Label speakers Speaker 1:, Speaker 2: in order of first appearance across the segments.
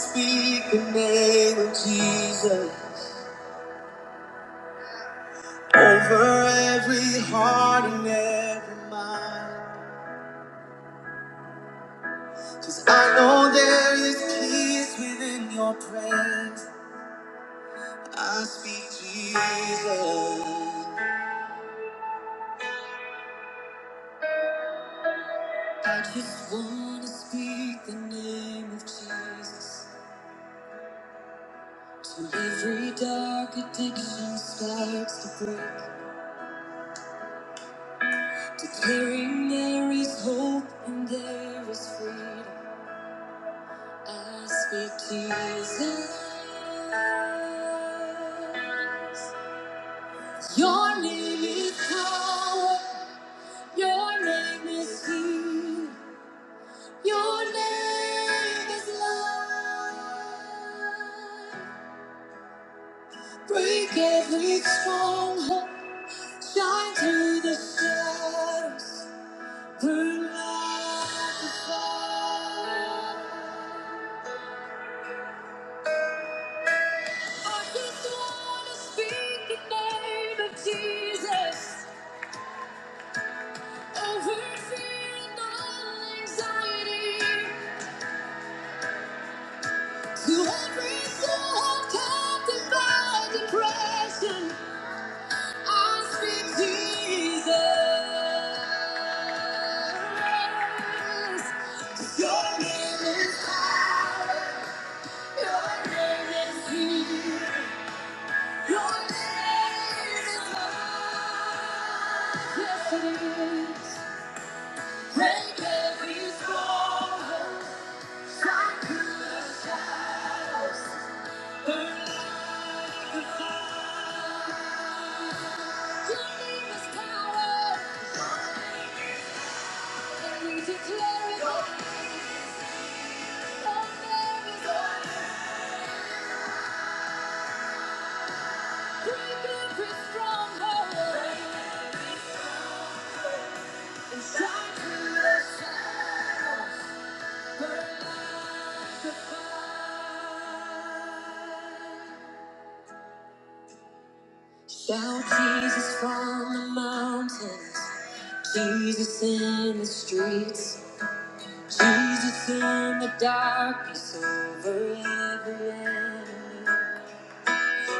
Speaker 1: Speak the name of Jesus over every heart and every mind. 'Cause I know there is peace within your praise. I speak Jesus. I just wanna speak the name of Jesus. Till every dark addiction starts to break. Declaring there is hope and there is freedom. I speak Jesus. Your name is power. Your name is healing. Your name is love. Break every stronghold. Shine through the shadows. Burn like a fire. I just wanna speak the name of Jesus. Overfilled all anxiety, to every soul captured by depression, I speak Jesus. Your name is power. Your name is healing. Your name is love. Yes, it is. Break every stronghold. Shout Jesus from the mountains, Jesus in the streets. Jesus in the darkness over every enemy.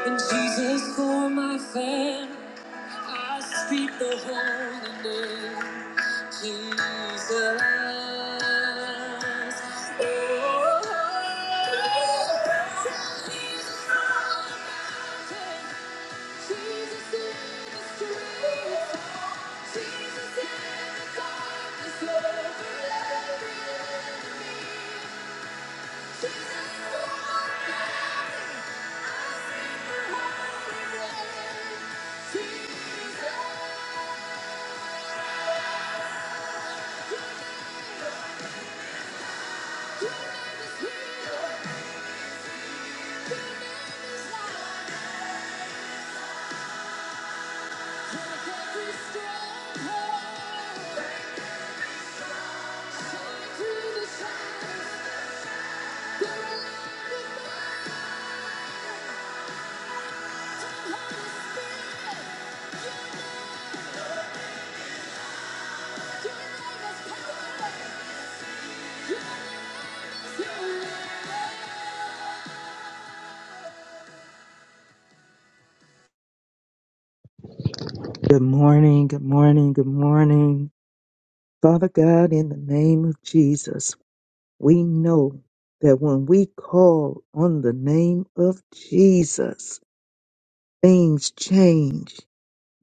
Speaker 1: And Jesus for my family, I speak the holy name. Jesus. Oh, oh, oh. Jesus in the streets. Jesus in the darkness over every enemy.
Speaker 2: Good morning, good morning, good morning. Father God, in the name of Jesus, we know that when we call on the name of Jesus, things change.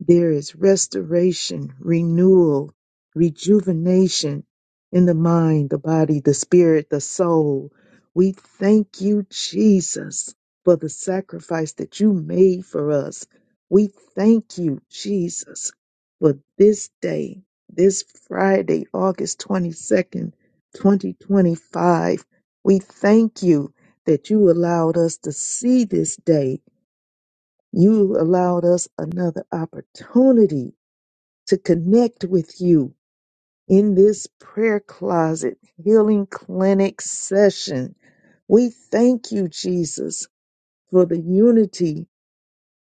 Speaker 2: There is restoration, renewal, rejuvenation in the mind, the body, the spirit, the soul. We thank you, Jesus, for the sacrifice that you made for us. We thank you, Jesus, for this day, this Friday, August 22nd, 2025. We thank you that you allowed us to see this day you allowed us another opportunity to connect with you in this prayer closet healing clinic session. We thank you, Jesus, for the unity.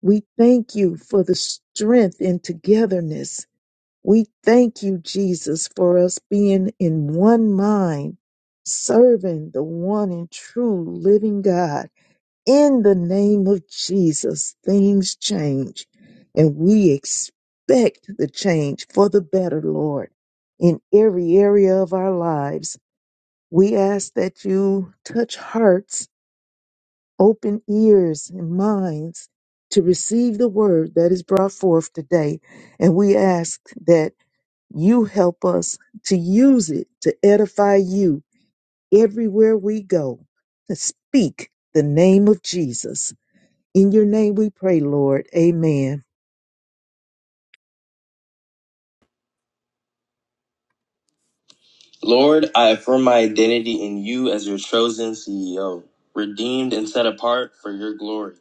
Speaker 2: We thank you for the strength and togetherness. We thank you, Jesus, for us being in one mind, serving the one and true living God. In the name of Jesus, things change, and we expect the change for the better, Lord, in every area of our lives. We ask that you touch hearts, open ears, and minds to receive the word that is brought forth today. And we ask that you help us to use it to edify you everywhere we go, to speak the name of Jesus. In your name we pray, Lord. Amen.
Speaker 1: Lord, I affirm my identity in you as your chosen CEO, redeemed and set apart for your glory.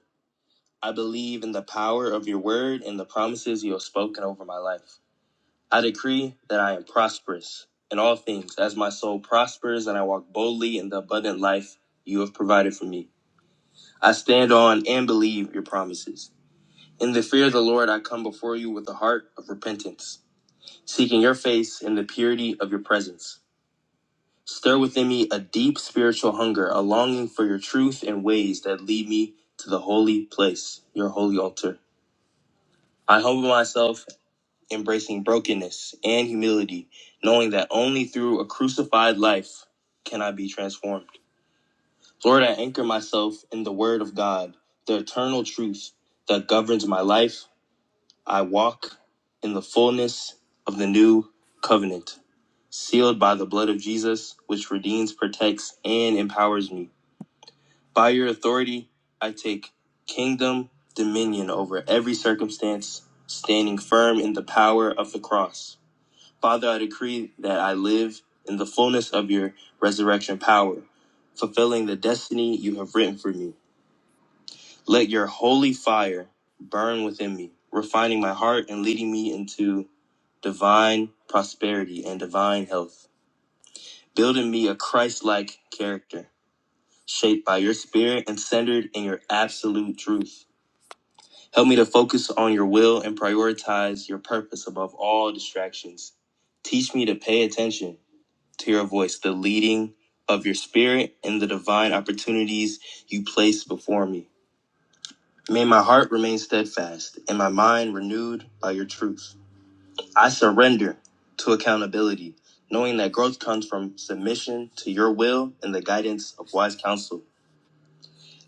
Speaker 1: I believe in the power of your word and the promises you have spoken over my life. I decree that I am prosperous in all things as my soul prospers and I walk boldly in the abundant life you have provided for me. I stand on and believe your promises. In the fear of the Lord, I come before you with a heart of repentance, seeking your face in the purity of your presence. Stir within me a deep spiritual hunger, a longing for your truth and ways that lead me to the holy place, your holy altar. I humble myself, embracing brokenness and humility, knowing that only through a crucified life can I be transformed. Lord, I anchor myself in the Word of God, the eternal truth that governs my life. I walk in the fullness of the new covenant, sealed by the blood of Jesus, which redeems, protects, and empowers me. By your authority, I take kingdom dominion over every circumstance, standing firm in the power of the cross. Father, I decree that I live in the fullness of your resurrection power, fulfilling the destiny you have written for me. Let your holy fire burn within me, refining my heart and leading me into divine prosperity and divine health, building me a Christ like character, shaped by your spirit and centered in your absolute truth. Help me to focus on your will and prioritize your purpose above all distractions. Teach me to pay attention to your voice, the leading of your spirit, and the divine opportunities you place before me. May my heart remain steadfast and my mind renewed by your truth. I surrender to accountability, knowing that growth comes from submission to your will and the guidance of wise counsel.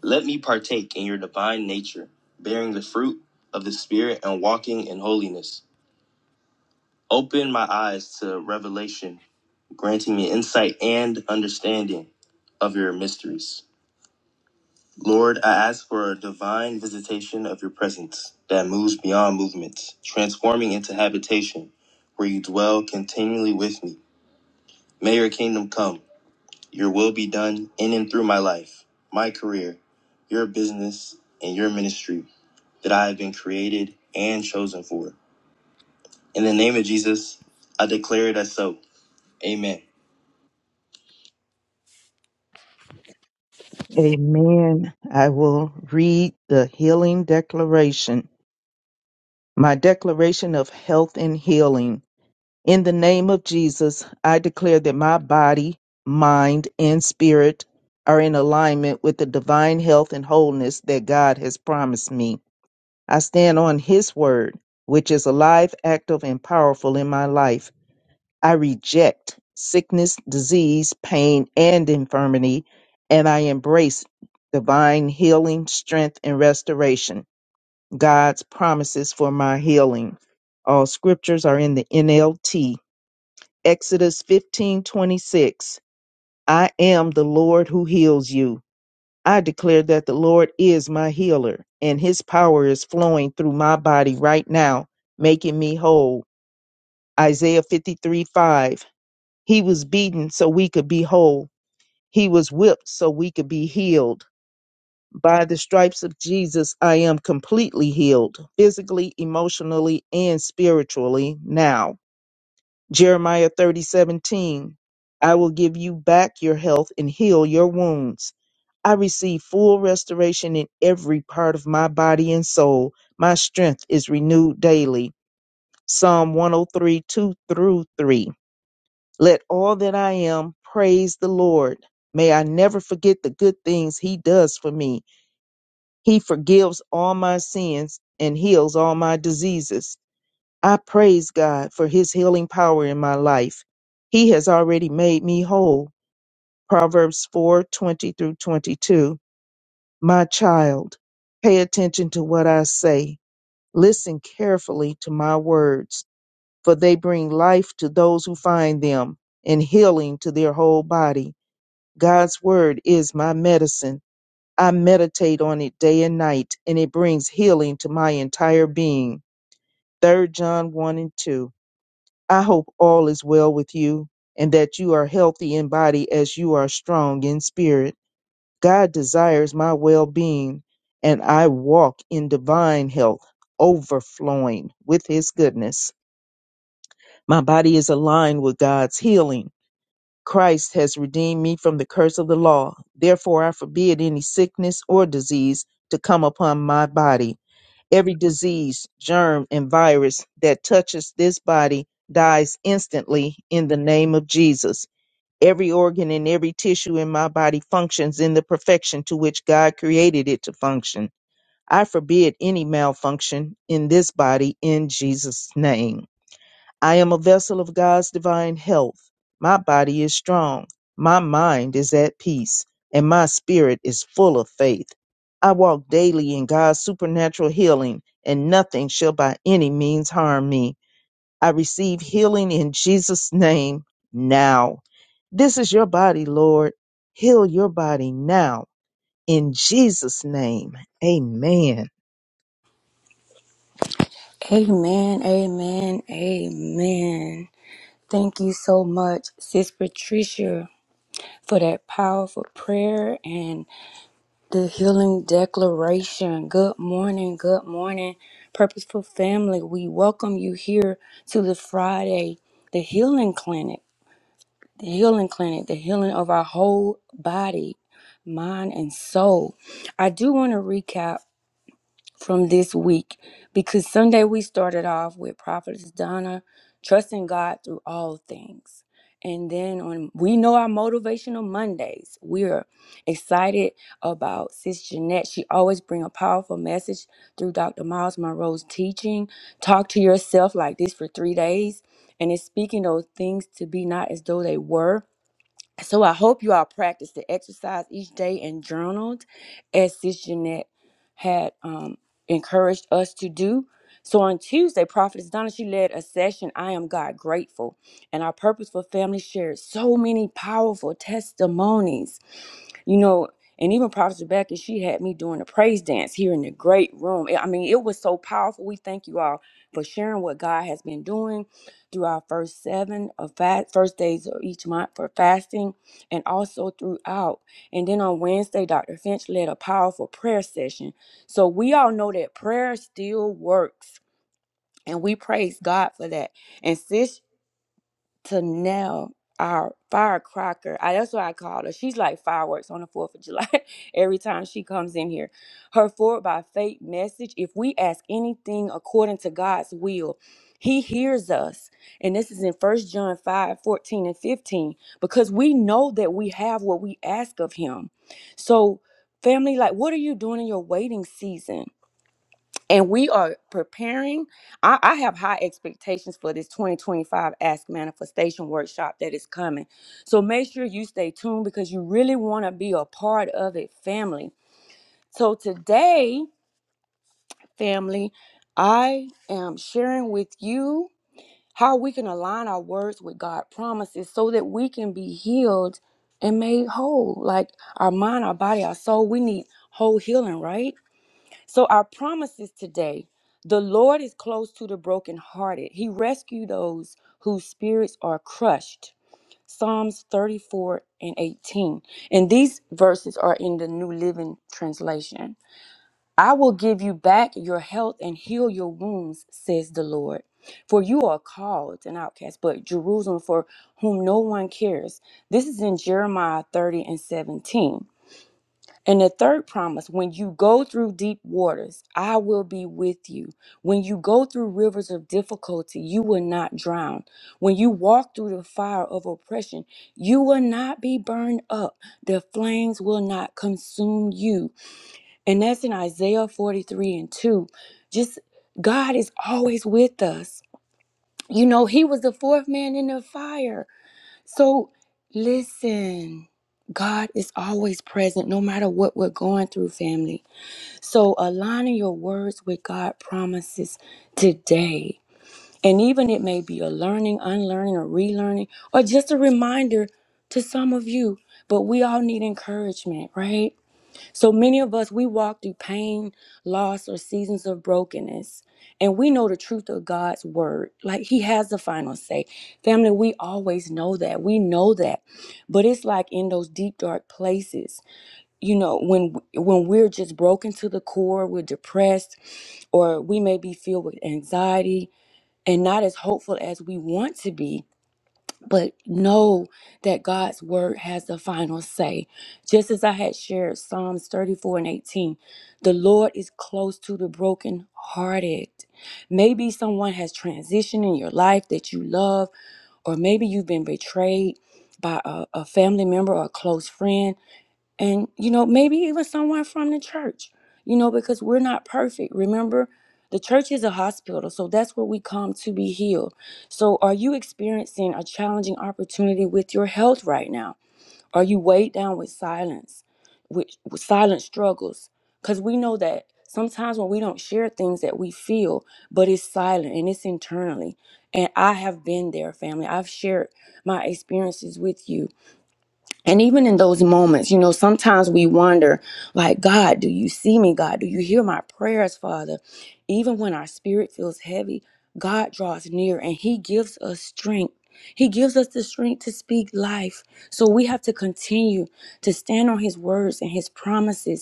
Speaker 1: Let me partake in your divine nature, bearing the fruit of the Spirit and walking in holiness. Open my eyes to revelation, granting me insight and understanding of your mysteries. Lord, I ask for a divine visitation of your presence that moves beyond movements, transforming into habitation where you dwell continually with me. May your kingdom come, your will be done in and through my life, my career, your business, and your ministry that I have been created and chosen for. In the name of Jesus, I declare it as so. Amen.
Speaker 2: Amen. I will read the healing declaration. My declaration of health and healing. In the name of Jesus, I declare that my body, mind, and spirit are in alignment with the divine health and wholeness that God has promised me. I stand on His word, which is alive, active, and powerful in my life. I reject sickness, disease, pain, and infirmity, and I embrace divine healing, strength, and restoration. God's promises for my healing. All scriptures are in the NLT. Exodus 15:26. I am the Lord who heals you. I declare that the Lord is my healer, and his power is flowing through my body right now, making me whole. Isaiah fifty three five. He was beaten so we could be whole. He was whipped so we could be healed. By the stripes of Jesus, I am completely healed, physically, emotionally, and spiritually now. Jeremiah thirty seventeen. I will give you back your health and heal your wounds. I receive full restoration in every part of my body and soul. My strength is renewed daily. Psalm one o three two through 3. Let all that I am praise the Lord. May I never forget the good things He does for me. He forgives all my sins and heals all my diseases. I praise God for His healing power in my life. He has already made me whole. Proverbs 4 20 through 22. My child, pay attention to what I say. Listen carefully to my words, for they bring life to those who find them and healing to their whole body. God's word is my medicine. I meditate on it day and night, and it brings healing to my entire being. 3 John 1 and 2. I hope all is well with you, and that you are healthy in body as you are strong in spirit. God desires my well being, and I walk in divine health, overflowing with his goodness. My body is aligned with God's healing Christ has redeemed me from the curse of the law. Therefore, I forbid any sickness or disease to come upon my body. Every disease, germ, and virus that touches this body dies instantly in the name of Jesus. Every organ and every tissue in my body functions in the perfection to which God created it to function. I forbid any malfunction in this body in Jesus' name. I am a vessel of God's divine health. My body is strong. My mind is at peace. And my spirit is full of faith. I walk daily in God's supernatural healing, and nothing shall by any means harm me. I receive healing in Jesus' name now. This is your body, Lord. Heal your body now. In Jesus' name. Amen.
Speaker 1: Amen, amen, amen. Thank you so much, Sis Patricia, for that powerful prayer and the healing declaration. Good morning, good morning, Purposeful Family. We welcome you here to the Friday, the healing clinic, the healing clinic, the healing of our whole body, mind, and soul. I do want to recap. from this week because Sunday we started off with Prophetess Donna trusting God through all things. And then on we know our motivational Mondays. We're excited about Sis Jeanette. She always bring a powerful message through Dr. Miles Monroe's teaching. Talk to yourself like this for three days. And it's speaking those things to be not as though they were. So I hope you all practice the exercise each day and journaled as Sis Jeanette had um, encouraged us to do. So on Tuesday, Prophetess Donna, she led a session, I Am God Grateful. And our Purposeful family shared so many powerful testimonies. You know, and even Prophetess Rebecca, she had me doing a praise dance here in the great room. I mean, it was so powerful. We thank you all for sharing what God has been doing through our first seven of fast first days of each month for fasting and also throughout. And then on Wednesday, Dr. Finch led a powerful prayer session. So we all know that prayer still works. And we praise God for that. And sis to now our firecracker. I, that's why I called her. She's like fireworks on the Fourth of July. Every time she comes in here, her forward by faith message. If we ask anything according to God's will, He hears us. And this is in First John 5 14 and 15, because we know that we have what we ask of Him. So, family, like, what are you doing in your waiting season? and we are preparing. I, I have high expectations for this 2025 Ask Manifestation workshop that is coming. So make sure you stay tuned because you really want to be a part of it, family. So today, family, I am sharing with you how we can align our words with God's promises so that we can be healed and made whole. Like our mind, our body, our soul, we need whole healing, right? So, our promises today the Lord is close to the brokenhearted, He rescues those whose spirits are crushed. Psalms 34 and 18. And these verses are in the New Living Translation. I will give you back your health and heal your wounds, says the Lord. For you are called an outcast, but Jerusalem for whom no one cares. This is in Jeremiah 30 and 17. And the third promise when you go through deep waters, I will be with you. When you go through rivers of difficulty, you will not drown. When you walk through the fire of oppression, you will not be burned up. The flames will not consume you. And that's in Isaiah 43 and 2. Just God is always with us. You know, He was the fourth man in the fire. So listen, God is always present no matter what we're going through, family. So aligning your words with God promises today. And even it may be a learning, unlearning, or relearning, or just a reminder to some of you. But we all need encouragement, right? So many of us, we walk through pain, loss, or seasons of brokenness, and we know the truth of God's word. Like He has the final say. Family, we always know that. We know that. But it's like in those deep, dark places, you know, when when we're just broken to the core, we're depressed, or we may be filled with anxiety and not as hopeful as we want to be but know that God's word has the final say. Just as I had shared Psalms 34 and 18, the Lord is close to the brokenhearted. Maybe someone has transitioned in your life that you love, or maybe you've been betrayed by a, a family member or a close friend and you know maybe even someone from the church you know because we're not perfect remember the church is a hospital so that's where we come to be healed so are you experiencing a challenging opportunity with your health right now are you weighed down with silence with, with silent struggles because we know that sometimes when we don't share things that we feel but it's silent and it's internally and i have been there family i've shared my experiences with you and even in those moments, you know, sometimes we wonder, like, God, do you see me? God, do you hear my prayers, Father? Even when our spirit feels heavy, God draws near and He gives us strength. He gives us the strength to speak life. So we have to continue to stand on His words and His promises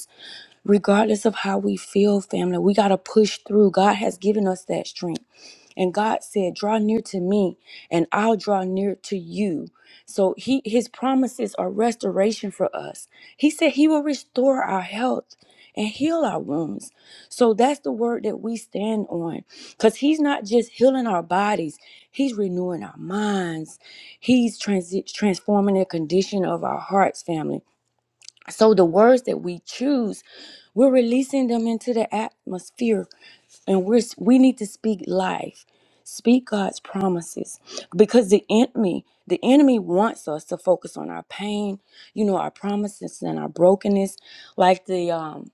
Speaker 1: regardless of how we feel, family, we got to push through. God has given us that strength. And God said, Draw near to me, and I'll draw near to you. So he his promises are restoration for us. He said he will restore our health and heal our wounds. So that's the word that we stand on. Because he's not just healing our bodies, he's renewing our minds. He's transi- transforming the condition of our hearts, family. So the words that we choose, we're releasing them into the atmosphere and we're we need to speak life speak god's promises because the enemy the enemy wants us to focus on our pain you know our promises and our brokenness like the um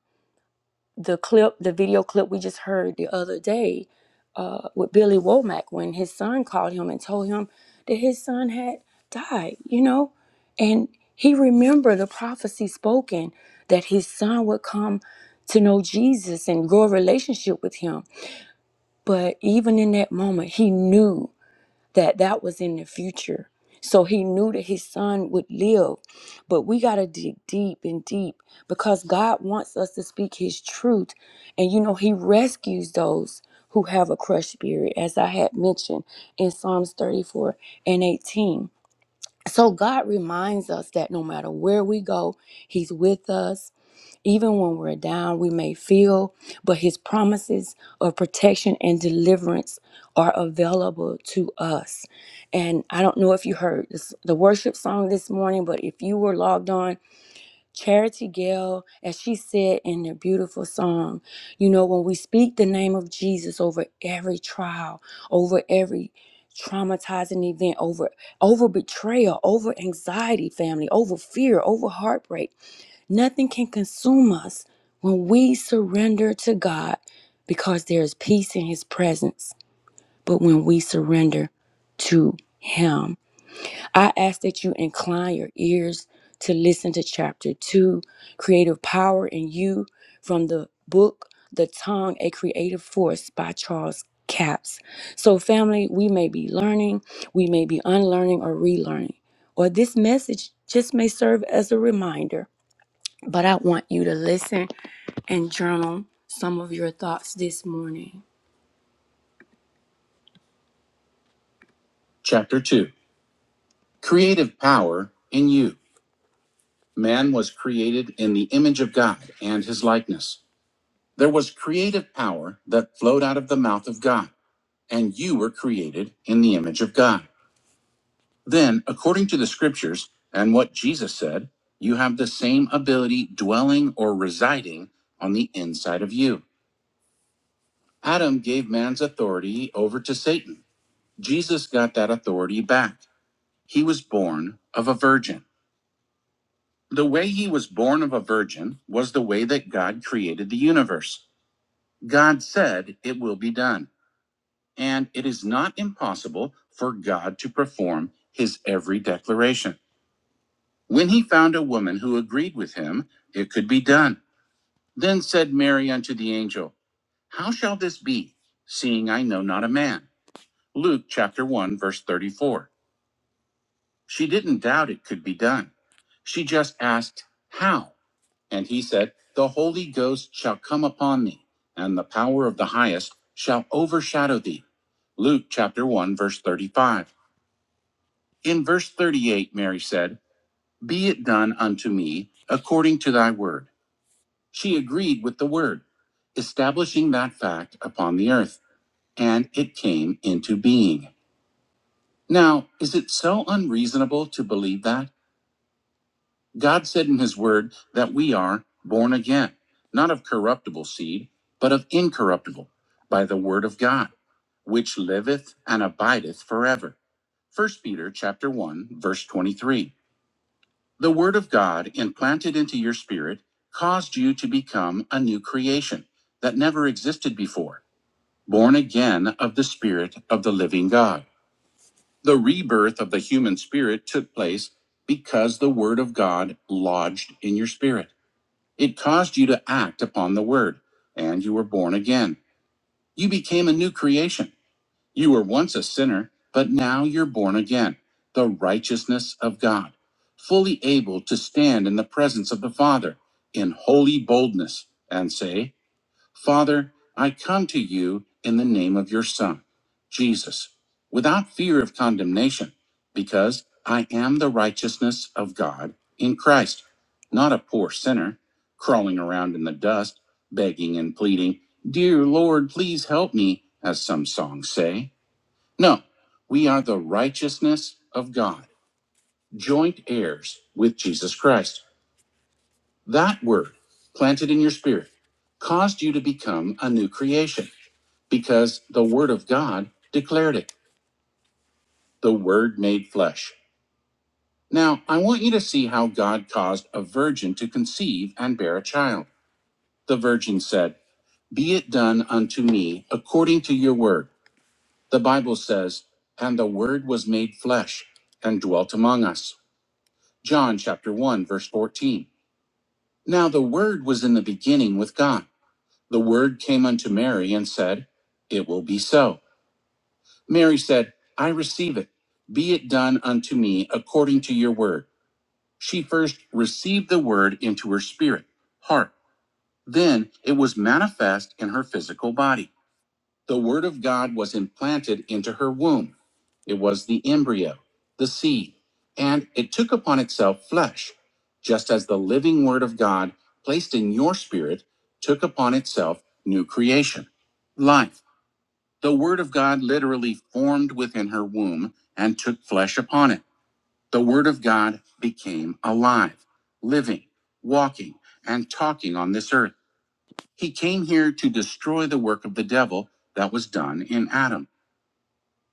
Speaker 1: the clip, the video clip we just heard the other day uh, with Billy Womack when his son called him and told him that his son had died, you know? And he remembered the prophecy spoken that his son would come to know Jesus and grow a relationship with him. But even in that moment, he knew that that was in the future. So he knew that his son would live. But we got to dig deep and deep because God wants us to speak his truth. And you know, he rescues those who have a crushed spirit, as I had mentioned in Psalms 34 and 18. So God reminds us that no matter where we go, he's with us. Even when we're down, we may feel, but his promises of protection and deliverance are available to us. And I don't know if you heard this, the worship song this morning, but if you were logged on, Charity Gale, as she said in the beautiful song, you know, when we speak the name of Jesus over every trial, over every traumatizing event, over over betrayal, over anxiety, family, over fear, over heartbreak Nothing can consume us when we surrender to God because there is peace in His presence. But when we surrender to Him, I ask that you incline your ears to listen to chapter two Creative Power in You from the book The Tongue, a Creative Force by Charles Capps. So, family, we may be learning, we may be unlearning or relearning, or this message just may serve as a reminder but I want you to listen and journal some of your thoughts this morning. Chapter 2 Creative Power in You. Man was created in the image of God and his likeness. There was creative power that flowed out of the mouth of God, and you were created in the image of God. Then, according to the scriptures and what Jesus said, you have the same ability dwelling or residing on the inside of you. Adam gave man's authority over to Satan Jesus got that authority back. He was born of a virgin. The way he was born of a virgin was the way that God created the universe. God said, It will be done. And it is not impossible for God to perform his every declaration. When he found a woman who agreed with him, it could be done. Then said Mary unto the angel, How shall this be, seeing I know not a man? Luke chapter 1, verse 34. She didn't doubt it could be done. She just asked, How? And he said, The Holy Ghost shall come upon thee, and the power of the highest shall overshadow thee. Luke chapter 1, verse 35. In verse 38, Mary said, Be it done unto me according to thy word. She agreed with the word, establishing that fact upon the earth, and it came into being. Now, is it so unreasonable to believe that? God said in his word that we are born again, not of corruptible seed, but of incorruptible, by the word of God, which liveth and abideth forever. First Peter chapter 1 verse 23. The word of God implanted into your spirit caused you to become a new creation that never existed before, born again of the spirit of the living God. The rebirth of the human spirit took place because the word of God lodged in your spirit. It caused you to act upon the word, and you were born again. You became a new creation. You were once a sinner, but now you're born again, the righteousness of God, fully able to stand in the presence of the Father in holy boldness and say, Father, I come to you in the name of your Son, Jesus, without fear of condemnation, because I am the righteousness of God in Christ, not a poor sinner crawling around in the dust, begging and pleading, Dear Lord, please help me, as some songs say. No, we are the righteousness of God, joint heirs with Jesus Christ. That word, planted in your spirit, caused you to become a new creation because the Word of God declared it. The Word made flesh. Now, I want you to see how God caused a virgin to conceive and bear a child. The virgin said, Be it done unto me according to your word. The Bible says, And the Word was made flesh and dwelt among us. John chapter 1, verse 14. Now the Word was in the beginning with God. The Word came unto Mary and said, It will be so. Mary said, I receive it. Be it done unto me according to your word. She first received the word into her spirit, heart. Then it was manifest in her physical body. The word of God was implanted into her womb. It was the embryo, the seed, and it took upon itself flesh, just as the living word of God placed in your spirit took upon itself new creation, life. The Word of God literally formed within her womb and took flesh upon it. The Word of God became alive, living, walking, and talking on this earth. He came here to destroy the work of the devil that was done in Adam.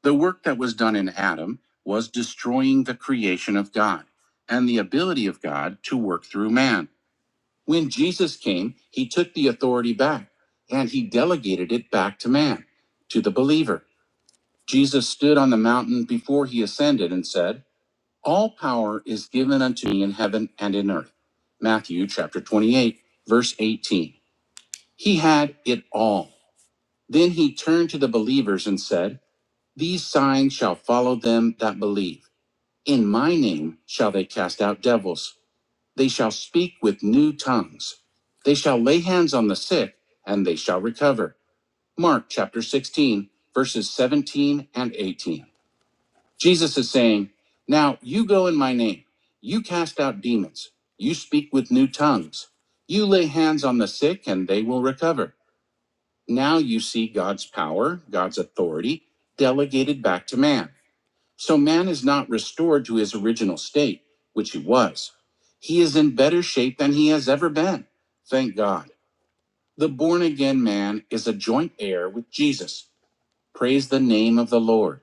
Speaker 1: The work that was done in Adam was destroying the creation of God and the ability of God to work through man. When Jesus came, he took the authority back and he delegated it back to man, to the believer. Jesus stood on the mountain before he ascended and said, All power is given unto me in heaven and in earth. Matthew chapter 28, verse 18. He had it all. Then he turned to the believers and said, These signs shall follow them that believe. In my name shall they cast out devils. They shall speak with new tongues. They shall lay hands on the sick, and they shall recover. Mark chapter 16, verses 17 and 18. Jesus is saying, Now you go in my name. You cast out demons. You speak with new tongues. You lay hands on the sick and they will recover. Now you see God's power, God's authority delegated back to man. So man is not restored to his original state, which he was. He is in better shape than he has ever been. Thank God. The born again man is a joint heir with Jesus. Praise the name of the Lord.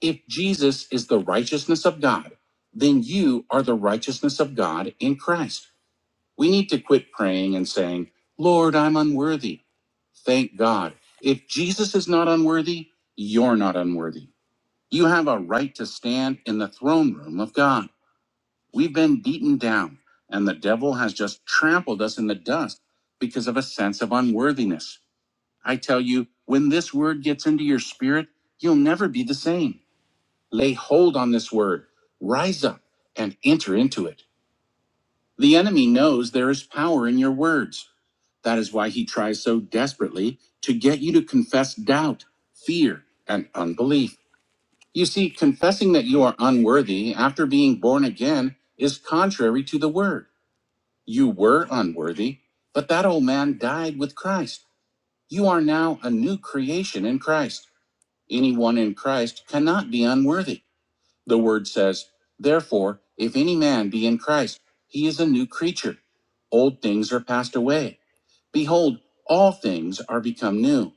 Speaker 1: If Jesus is the righteousness of God, then you are the righteousness of God in Christ. We need to quit praying and saying, Lord, I'm unworthy. Thank God. If Jesus is not unworthy, you're not unworthy. You have a right to stand in the throne room of God. We've been beaten down, and the devil has just trampled us in the dust because of a sense of unworthiness. I tell you, when this word gets into your spirit, you'll never be the same. Lay hold on this word, rise up and enter into it. The enemy knows there is power in your words. That is why he tries so desperately to get you to confess doubt, fear, and unbelief. You see, confessing that you are unworthy after being born again is contrary to the word. You were unworthy, but that old man died with Christ. You are now a new creation in Christ. Anyone in Christ cannot be unworthy. The word says, Therefore, if any man be in Christ, he is a new creature. Old things are passed away. Behold, all things are become new,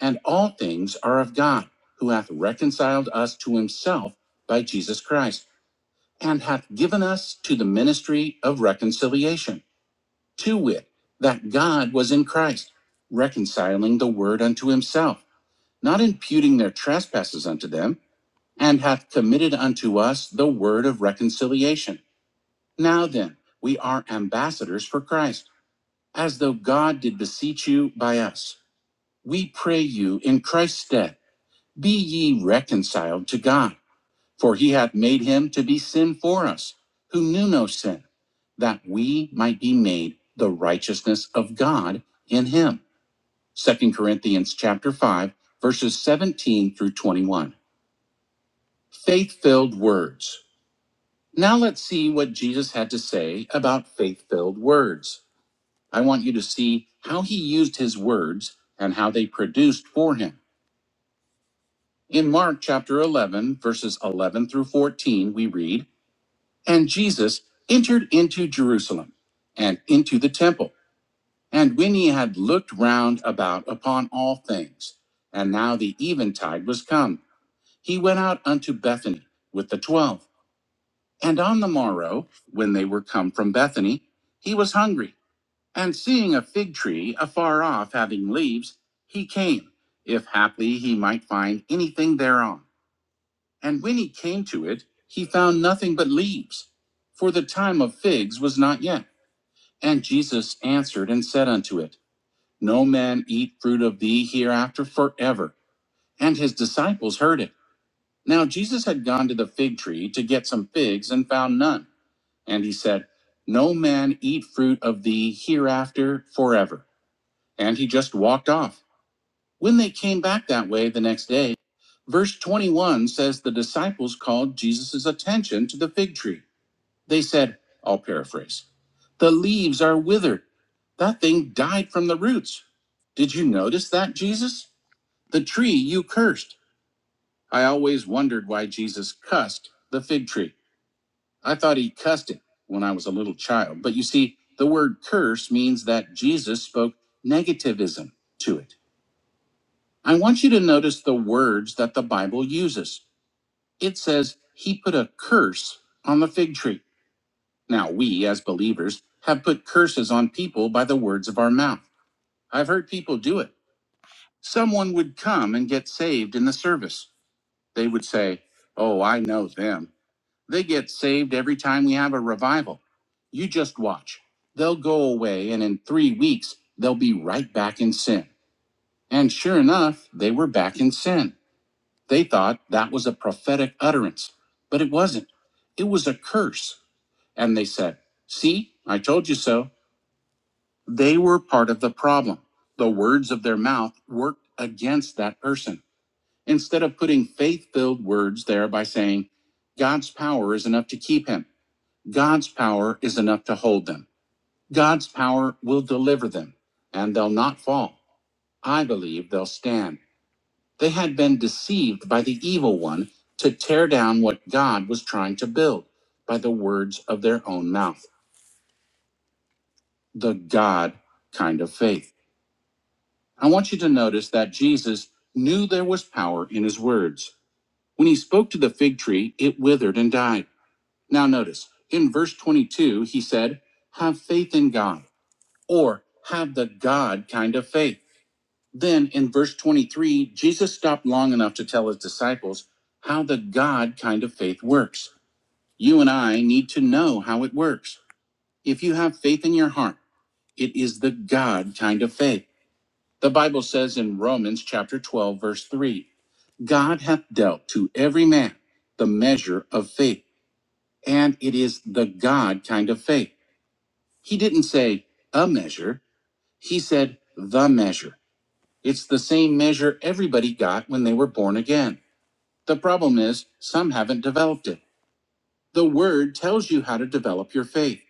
Speaker 1: and all things are of God, who hath reconciled us to himself by Jesus Christ, and hath given us to the ministry of reconciliation, to wit, that God was in Christ, reconciling the world unto himself, not imputing their trespasses unto them and hath committed unto us the word of reconciliation. Now then, we are ambassadors for Christ, as though God did beseech you by us. We pray you in Christ's stead, be ye reconciled to God, for he hath made him to be sin for us, who knew no sin, that we might be made the righteousness of God in him. Second Corinthians chapter 5, verses 17 through 21. Faith-filled words. Now let's see what Jesus had to say about faith filled words. I want you to see how he used his words and how they produced for him. In Mark chapter 11, verses 11 through 14, we read, And Jesus entered into Jerusalem and into the temple. And when he had looked round about upon all things, and now the eventide was come, he went out unto Bethany with the twelve. And on the morrow, when they were come from Bethany, he was hungry. And seeing a fig tree afar off having leaves, he came, if haply he might find anything thereon. And when he came to it, he found nothing but leaves, for the time of figs was not yet. And Jesus answered and said unto it, No man eat fruit of thee hereafter forever. And his disciples heard it. Now Jesus had gone to the fig tree to get some figs, and found none. And he said, No man eat fruit of thee hereafter forever. And he just walked off. When they came back that way the next day, verse 21 says the disciples called Jesus' attention to the fig tree. They said, I'll paraphrase, the leaves are withered. That thing died from the roots. Did you notice that, Jesus? The tree you cursed. I always wondered why Jesus cussed the fig tree. I thought he cussed it when I was a little child. But you see, the word curse means that Jesus spoke negativism to it. I want you to notice the words that the Bible uses. It says he put a curse on the fig tree. Now, we as believers have put curses on people by the words of our mouth. I've heard people do it. Someone would come and get saved in the service. They would say, Oh, I know them. They get saved every time we have a revival. You just watch. They'll go away, and in three weeks, they'll be right back in sin. And sure enough, they were back in sin. They thought that was a prophetic utterance, but it wasn't. It was a curse. And they said, See, I told you so. They were part of the problem. The words of their mouth worked against that person. Instead of putting faith filled words there by saying, God's power is enough to keep him. God's power is enough to hold them. God's power will deliver them, and they'll not fall. I believe they'll stand. They had been deceived by the evil one to tear down what God was trying to build by the words of their own mouth, the God kind of faith. I want you to notice that Jesus knew there was power in his words. When he spoke to the fig tree, it withered and died. Now, notice in verse 22, he said, Have faith in God. or have the God kind of faith. Then in verse 23, Jesus stopped long enough to tell his disciples how the God kind of faith works. You and I need to know how it works. If you have faith in your heart, it is the God kind of faith. The Bible says in Romans chapter 12 verse 3, God hath dealt to every man the measure of faith, and it is the God kind of faith. He didn't say a measure, he said the measure. It's the same measure everybody got when they were born again. The problem is, some haven't developed it. The Word tells you how to develop your faith.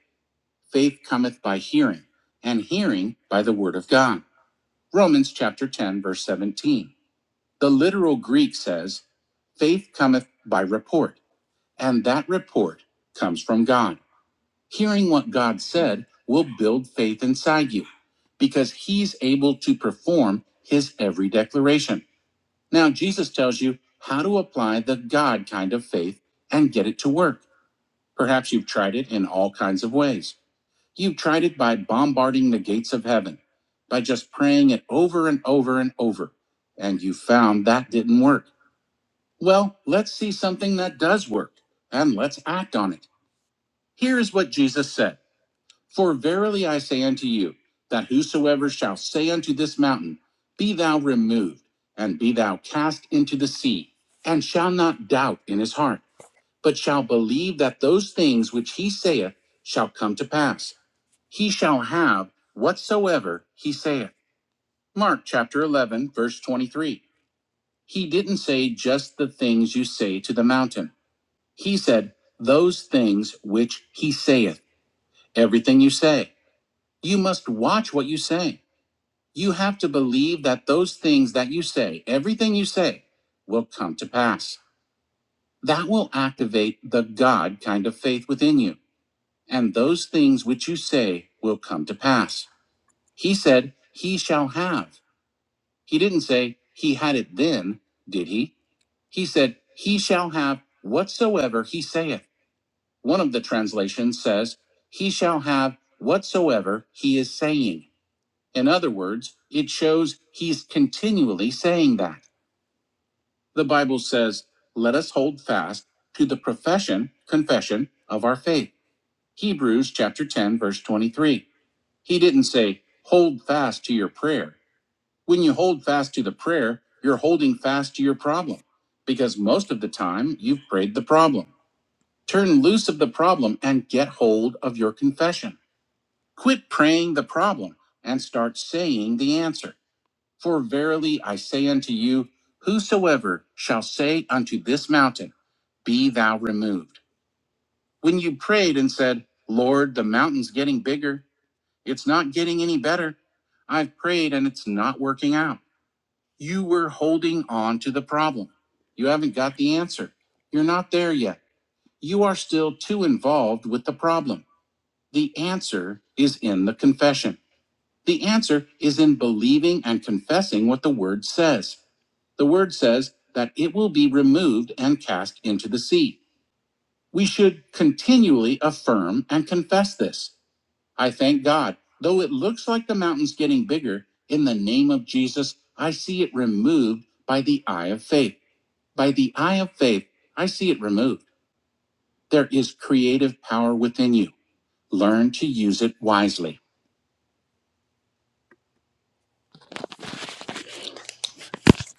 Speaker 1: Faith cometh by hearing, and hearing by the Word of God. Romans chapter 10, verse 17. The literal Greek says, Faith cometh by report, and that report comes from God. Hearing what God said will build faith inside you because he's able to perform his every declaration. Now, Jesus tells you how to apply the God kind of faith and get it to work. Perhaps you've tried it in all kinds of ways. You've tried it by bombarding the gates of heaven, by just praying it over and over and over, and you found that didn't work. Well, let's see something that does work, and let's act on it. Here is what Jesus said. For verily I say unto you, that whosoever shall say unto this mountain, Be thou removed, and be thou cast into the sea, and shall not doubt in his heart, but shall believe that those things which he saith shall come to pass, he shall have whatsoever he saith. Mark chapter 11, verse 23. He didn't say just the things you say to the mountain. He said, Those things which he saith, everything you say. You must watch what you say You have to believe that those things that you say, everything you say, will come to pass. That will activate the God kind of faith within you. And those things which you say will come to pass. He said, He shall have. He didn't say, He had it then, did he? He said, He shall have whatsoever he saith. One of the translations says, He shall have whatsoever he is saying. In other words, it shows he's continually saying that. The Bible says, let us hold fast to the profession, confession of our faith. Hebrews chapter 10, verse 23. He didn't say, hold fast to your prayer. When you hold fast to the prayer, you're holding fast to your problem because most of the time you've prayed the problem. Turn loose of the problem and get hold of your confession. Quit praying the problem and start saying the answer. For verily I say unto you, whosoever shall say unto this mountain, Be thou removed. When you prayed and said, Lord, the mountain's getting bigger, it's not getting any better. I've prayed and it's not working out. You were holding on to the problem. You haven't got the answer. You're not there yet. You are still too involved with the problem. The answer is in the confession. The answer is in believing and confessing what the word says. The word says that it will be removed and cast into the sea. We should continually affirm and confess this. I thank God. Though it looks like the mountain's getting bigger, in the name of Jesus, I see it removed by the eye of faith. By the eye of faith, I see it removed. There is creative power within you. Learn to use it wisely.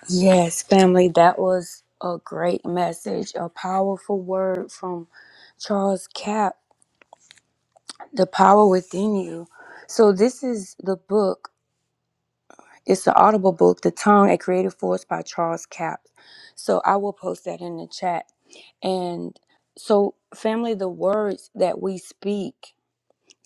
Speaker 1: Yes, family, that was a great message, a powerful word from Charles Cap. the power within you. So this is the book. It's the Audible book, The Tongue: A Creative Force by Charles Capps. So I will post that in the chat. And so family, the words that we speak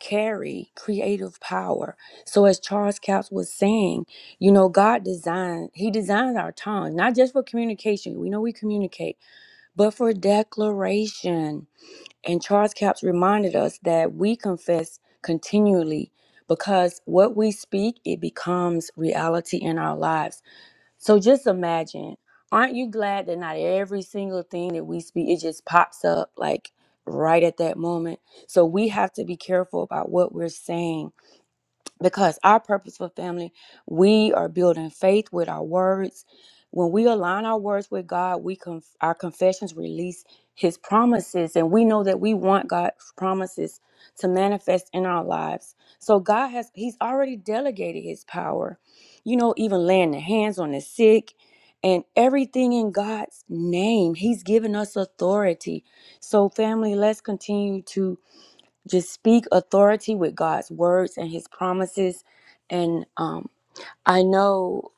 Speaker 1: carry creative power. So as Charles Capps was saying, you know, God designed, he designed our tongue not just for communication. We know we communicate, but for declaration and Charles Caps reminded us that we confess continually because what we speak, it becomes reality in our lives. So just imagine, aren't you glad that not every single thing that we speak, it just pops up like right at that moment? So we have to be careful about what we're saying because our purposeful family, we are building faith with our words. When we align our words with God, we conf- our confessions release His promises, and we know that we want God's promises to manifest in our lives. So God has He's already delegated His power, you know, even laying the hands on the sick. And everything in God's name, He's given us authority. So, family, let's continue to just speak authority with God's words and his promises. And um, I know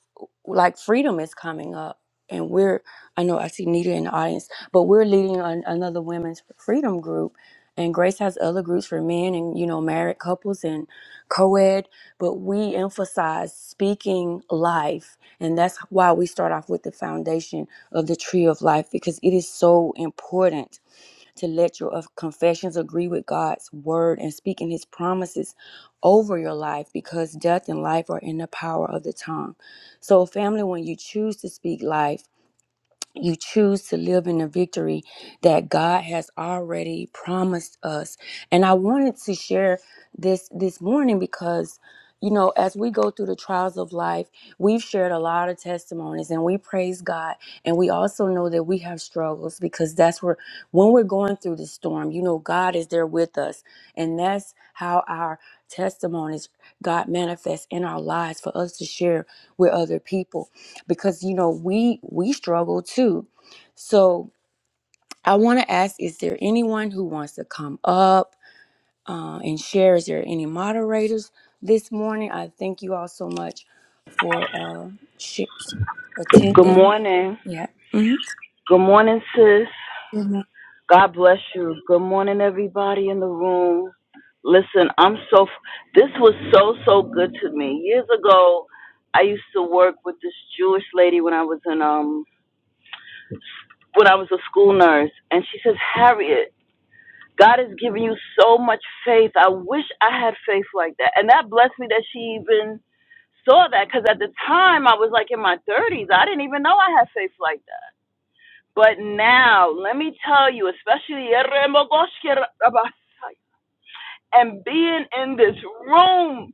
Speaker 1: like freedom is coming up and we're, I know I see Nita in the audience, but we're leading an, another women's freedom group and Grace has other groups for men and, you know, married couples and co-ed, but we emphasize speaking life. And that's why we start off with the foundation of the tree of life, because it is so important to let your of- confessions agree with God's word and speaking his promises over your life because death and life are in the power of the tongue. So, family, when you choose to speak life, you choose to live in the victory that God has already promised us. And I wanted to share this this morning because you know, as we go through the trials of life, we've shared a lot of testimonies and we praise God. And we also know that we have struggles because that's where, when we're going through the storm, you know, God is there with us. And that's how our testimonies, God manifests in our lives for us to share with other people because you know we we struggle too so i want to ask is there anyone who wants to come up uh, and share is there any moderators this morning i thank you all so much for uh sh-
Speaker 3: Good
Speaker 1: attending
Speaker 3: morning.
Speaker 1: yeah Mhm.
Speaker 3: Good morning, sis.
Speaker 1: Good morning.
Speaker 3: God bless you. Good morning, everybody in the room. Listen, I'm so, this was so, so good to me. Years ago, I used to work with this Jewish lady when I was in, um, when I was a school nurse, and she says, Harriet, God has given you so much faith. I wish I had faith like that. And that blessed me that she even saw that because at the time I was like in my 30s. I didn't even know I had faith like that. But now, let me tell you, especially and being in this room,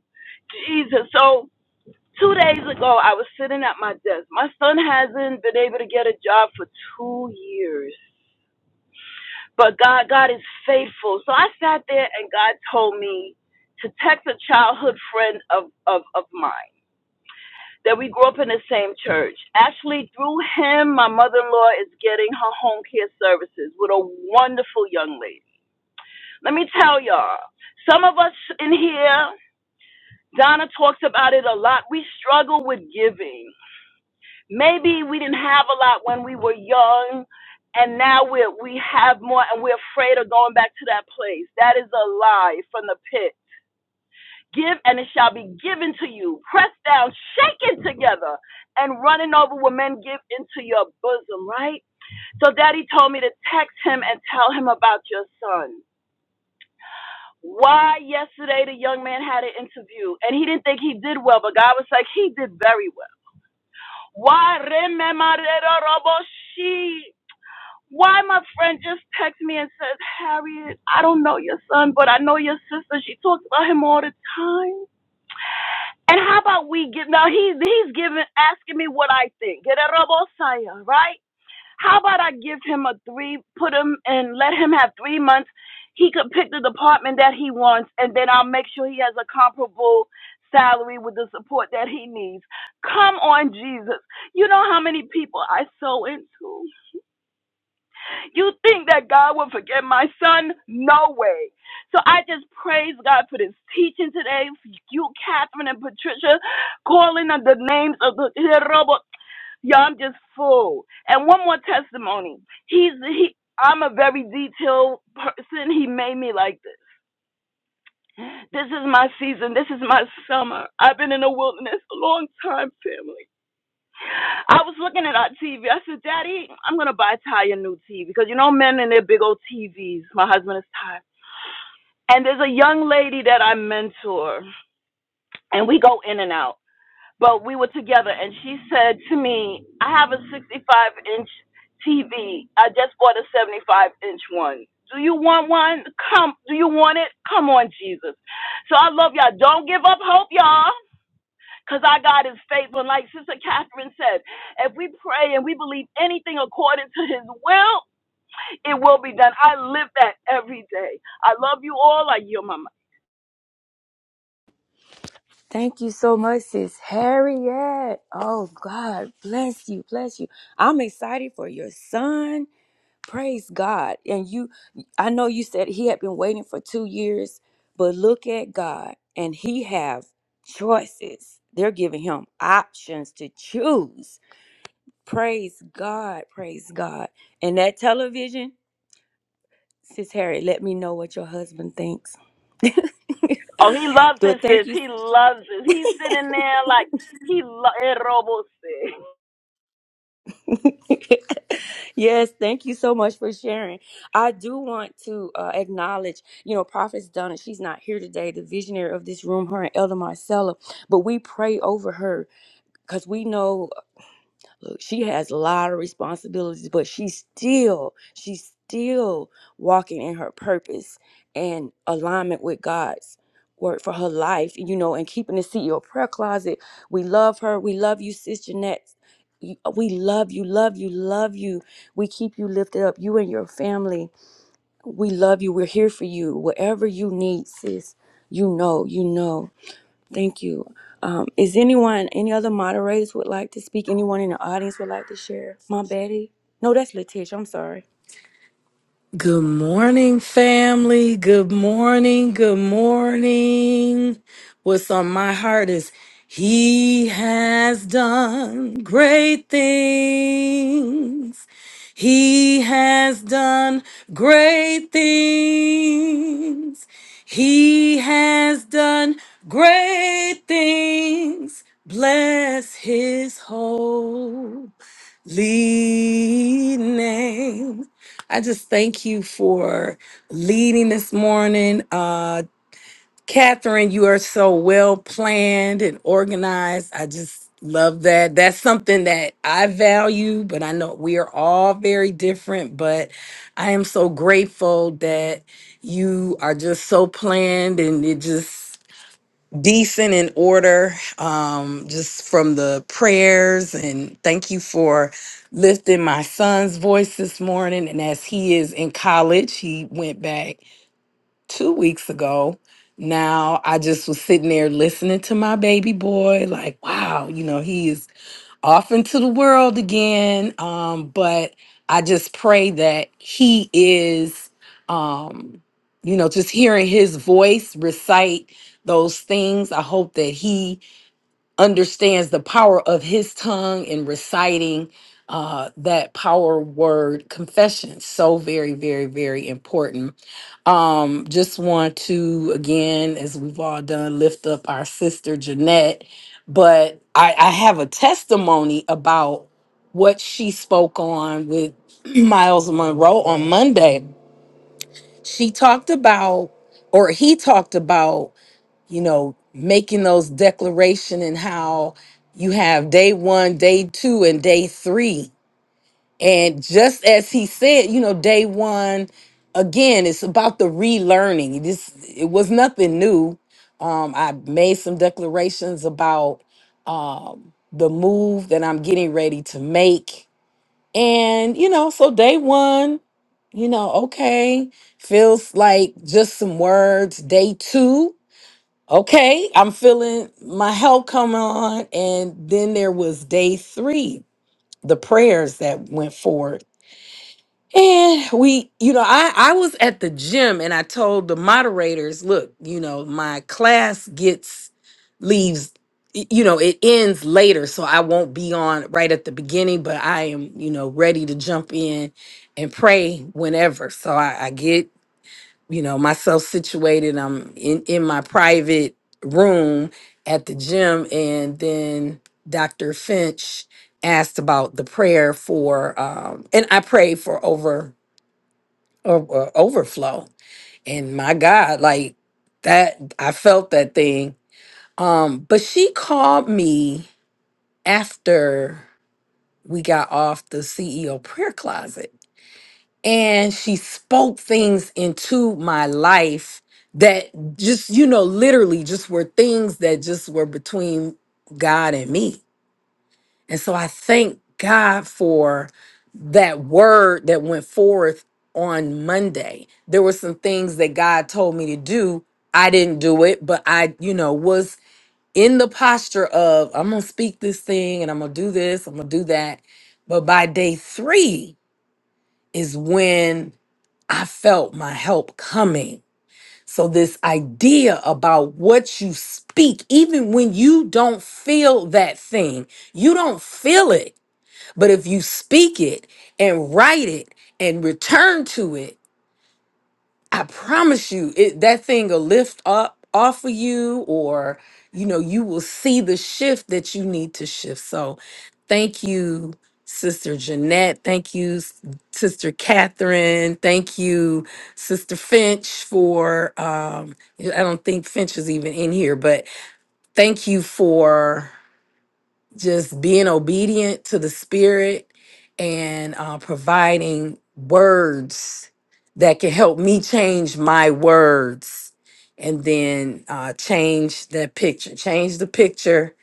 Speaker 3: Jesus. So, two days ago, I was sitting at my desk. My son hasn't been able to get a job for two years, but God, God is faithful. So I sat there, and God told me to text a childhood friend of of of mine. that we grew up in the same church. Actually, through him, my mother in law is getting her home care services with a wonderful young lady. Let me tell y'all, some of us in here, Donna talks about it a lot. We struggle with giving. Maybe we didn't have a lot when we were young, and now we we have more, and we're afraid of going back to that place. That is a lie from the pit. Give and it shall be given to you, pressed down, shaken together, and running over will men give into your bosom, right? So daddy told me to text him and tell him about your son. Why yesterday the young man had an interview and he didn't think he did well, but God was like, he did very well. Why remember why my friend just texts me and says, Harriet, I don't know your son, but I know your sister. She talks about him all the time. And how about we give now he he's giving asking me what I think. Get a robo saya, right? How about I give him a three put him and let him have three months. He could pick the department that he wants and then I'll make sure he has a comparable salary with the support that he needs. Come on, Jesus. You know how many people I sow into? You think that God will forget my son? No way. So I just praise God for this teaching today. For You, Catherine and Patricia, calling on the names of the robot. Yeah, I'm just full. And one more testimony. He's he. I'm a very detailed person. He made me like this. This is my season. This is my summer. I've been in the wilderness a long time, family. I was looking at our TV. I said, Daddy, I'm gonna buy Ty a new TV because you know men and their big old TVs. My husband is Ty, and there's a young lady that I mentor, and we go in and out. But we were together, and she said to me, "I have a 65 inch TV. I just bought a 75 inch one. Do you want one? Come. Do you want it? Come on, Jesus." So I love y'all. Don't give up hope, y'all. Because our God is faithful. And like Sister Catherine said, if we pray and we believe anything according to his will, it will be done. I live that every day. I love you all. I yield my mic.
Speaker 1: thank you so much sis harriet oh god bless you bless you i'm excited for your son Praise God. And you, I know you said he had been waiting for two years, but look at God and he have choices. They're giving him options to choose. Praise God. Praise God. And that television, Sis Harry, let me know what your husband thinks.
Speaker 3: Oh, he loves his
Speaker 1: but thank
Speaker 3: sis.
Speaker 1: you.
Speaker 3: He loves it. He's sitting there like he loves it.
Speaker 1: yes, thank you so much for sharing. I do want to uh, acknowledge, you know, Prophetess Donna. She's not here today, the visionary of this room, her and Elder Marcella, but we pray over her because we know look, she has a lot of responsibilities, but she's still, she's still walking in her purpose and alignment with God's word for her life, you know, and keeping the CEO prayer closet. We love her. We love you, Sis Jeanette. You- uh, We love you, love you, love you. We keep you lifted up, you and your family. We love you. We're here for you. Whatever you need, sis, you know, you know. Thank you. Um, is anyone, any other moderators would like to speak? Anyone in the audience would like to share? My Betty? No, that's Letitia. I'm sorry.
Speaker 4: Good morning, family. Good morning. Good morning. What's on my heart is He has done great things. He has done great things. He has done great things. Bless His holy name. I just thank you for leading this morning. Uh, Catherine, you are so well planned and organized. I just love that. That's something that I value, but I know we are all very different. But I am so grateful that you are just so planned and it just decent in order um just from the prayers and thank you for lifting my son's voice this morning and as he is in college he went back 2 weeks ago now I just was sitting there listening to my baby boy like wow you know he is off into the world again. Um, but I just pray that he is, um, you know, just hearing his voice recite those things. I hope that he understands the power of his tongue and reciting uh, that power word confession. So very, very, very important. Um, just want to, again, as we've all done, lift up our sister Jeanette. But I, I have a testimony about what she spoke on with Miles Monroe on Monday. She talked about, or he talked about, you know, making those declaration and how you have day one, day two, and day three. And just as he said, you know, day one, again, it's about the relearning. This it was nothing new. Um, I made some declarations about um, the move that I'm getting ready to make, and you know, so day one, you know, okay, feels like just some words. Day two, okay, I'm feeling my help come on. And then there was day three, the prayers that went forward. And we, you know, I, I was at the gym and I told the moderators, look, you know, my class gets leaves, y- you know, it ends later. So I won't be on right at the beginning, but I am, you know, ready to jump in and pray whenever. So I, I get you know myself situated i'm in in my private room at the gym and then dr finch asked about the prayer for um and i prayed for over over overflow and my god like that i felt that thing um but she called me after we got off the ceo prayer closet and she spoke things into my life that just you know literally just were things that just were between God and me. And so I thank God for that word that went forth on Monday. There were some things that God told me to do. I didn't do it, but I, you know, was in the posture of I'm going to speak this thing and I'm going to do this, I'm going to do that. But by day 3 is when I felt my help coming. So, this idea about what you speak, even when you don't feel that thing, you don't feel it. But if you speak it and write it and return to it, I promise you, it that thing will lift up off of you, or you know, you will see the shift that you need to shift. So, thank you, Sister Jeanette. Thank you, S- Sister Catherine. Thank you, Sister Finch, for um, I don't think Finch is even in here, but thank you for just being obedient to the spirit and uh, providing words that can help me change my words and then uh, change that picture change the picture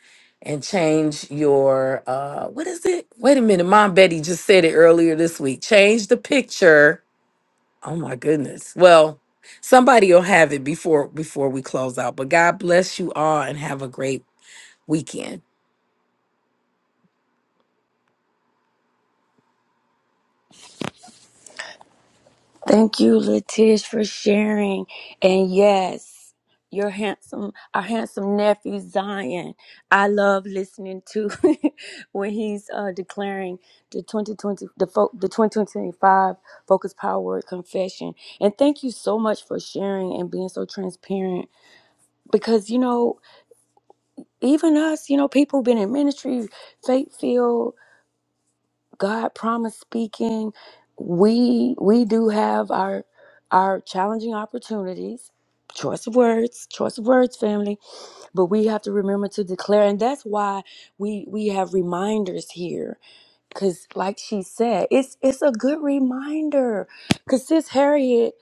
Speaker 4: and change your uh what is it wait a minute mom betty just said it earlier this week change the picture oh my goodness well somebody will have it before before we close out but god bless you all and have a great weekend
Speaker 1: Thank you, Letish, for sharing. And yes, your handsome, our handsome nephew Zion. I love listening to when he's uh, declaring the 2020, the, fo- the 2025 Focus Power Word Confession. And thank you so much for sharing and being so transparent. Because you know, even us, you know, people been in ministry, faith field. God promise speaking, we we do have our our challenging opportunities, choice of words, choice of words, family, but we have to remember to declare, and that's why we we have reminders here Cause like she said, it's it's a good reminder. Cause sis Harriet,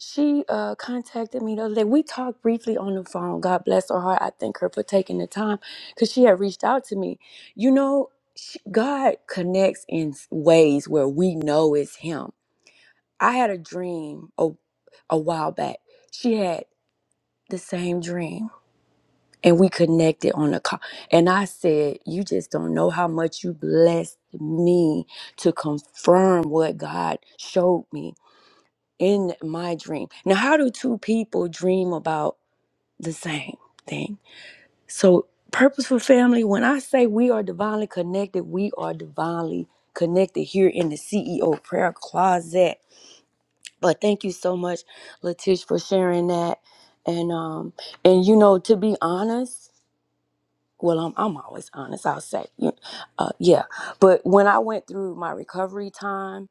Speaker 1: she uh contacted me the other day. We talked briefly on the phone. God bless her heart. I thank her for taking the time because she had reached out to me. You know, she, God connects in s- ways where we know it's Him. I had a dream a, a while back. She had the same dream and we connected on the call. And I said, You just don't know how much you blessed me to confirm what God showed me in my dream. Now, how do two people dream about the same thing? So, purposeful family, when I say we are divinely connected, we are divinely connected here in the CEO prayer closet. But thank you so much, Latish, for sharing that. And um, and you know, to be honest, well i'm, I'm always honest i'll say you- uh, yeah but when i went through my recovery time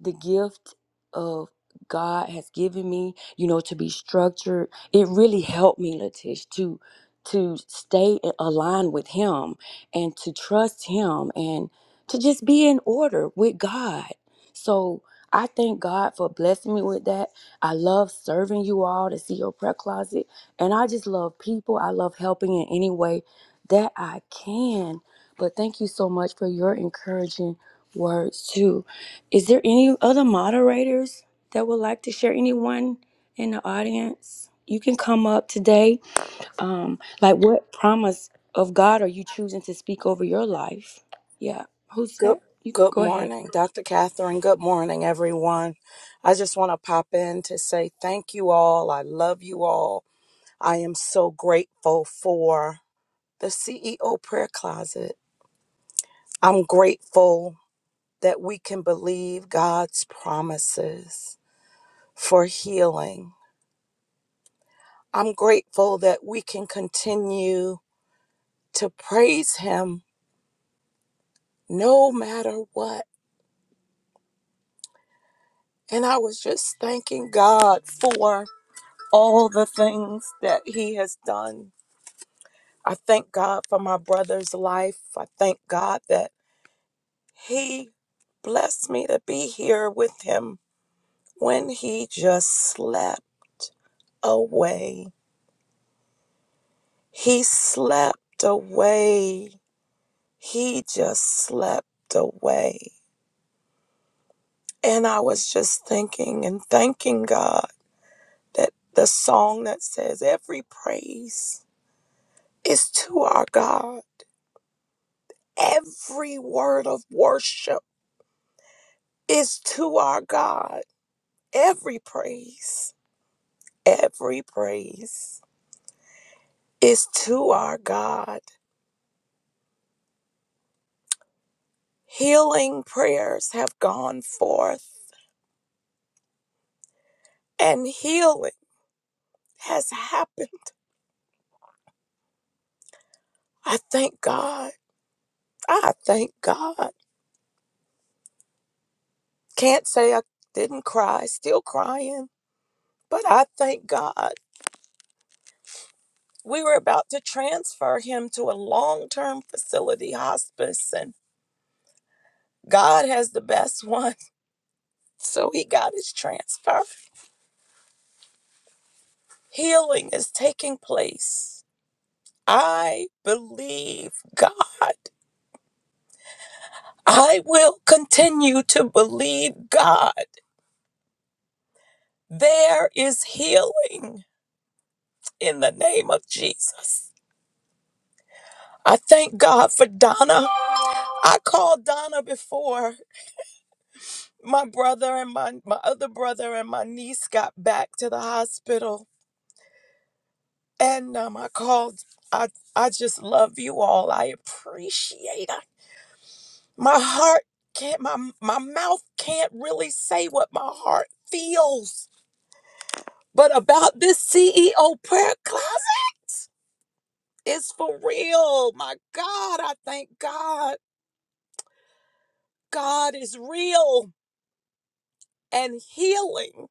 Speaker 1: the gift of God has given me, you know, to be structured. It really helped me, Latish, to to stay in- aligned with him and to trust him and to just be in order with God. So I thank God for blessing me with that. I love serving you all to see your prayer closet. And I just love people. I love helping in any way that I can. But thank you so much for your encouraging words too is there any other moderators that would like to share? Anyone in the audience? You can come up today. Um, like, what promise of God are you choosing to speak over your life? Yeah. Who's
Speaker 5: Good,
Speaker 1: that? You
Speaker 5: good
Speaker 1: go ahead.
Speaker 5: morning, Dr. Catherine. Good morning, everyone. I just want to pop in to say thank you all. I love you all. I am so grateful for the CEO prayer closet. I'm grateful that we can believe God's promises for healing. I'm grateful that we can continue to praise Him no matter what. And I was just thanking God for all the things that he has done. I thank God for my brother's life. I thank God that he blessed me to be here with him when he just slept away. He slept away. He just slept away. And I was just thinking and thanking God that the song that says, Every praise is to our God, every word of worship is to our God. Every praise, every praise is to our God. Healing prayers have gone forth and healing has happened. I thank God. I thank God. Can't say I didn't cry, still crying, but I thank God. We were about to transfer him to a long term facility hospice, and God has the best one. So he got his transfer. Healing is taking place. I believe God. I will continue to believe God. There is healing in the name of Jesus. I thank God for Donna. I called Donna before my brother and my, my other brother and my niece got back to the hospital. And um, I called, I, I just love you all. I appreciate My heart can't, my, my mouth can't really say what my heart feels. But about this CEO prayer closet, it's for real. My God, I thank God. God is real and healing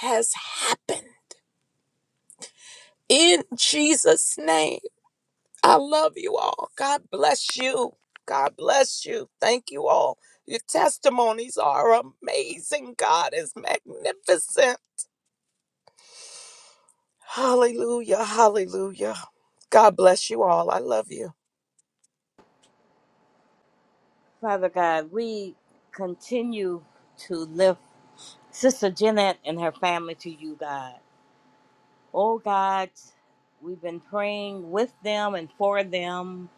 Speaker 5: has happened in Jesus' name. I love you all. God bless you. God bless you. Thank you all. Your testimonies are amazing. God is magnificent. Hallelujah. Hallelujah. God bless you all. I love you.
Speaker 6: Father God, we continue to lift Sister Jeanette and her family to you, God. Oh God, we've been praying with them and for them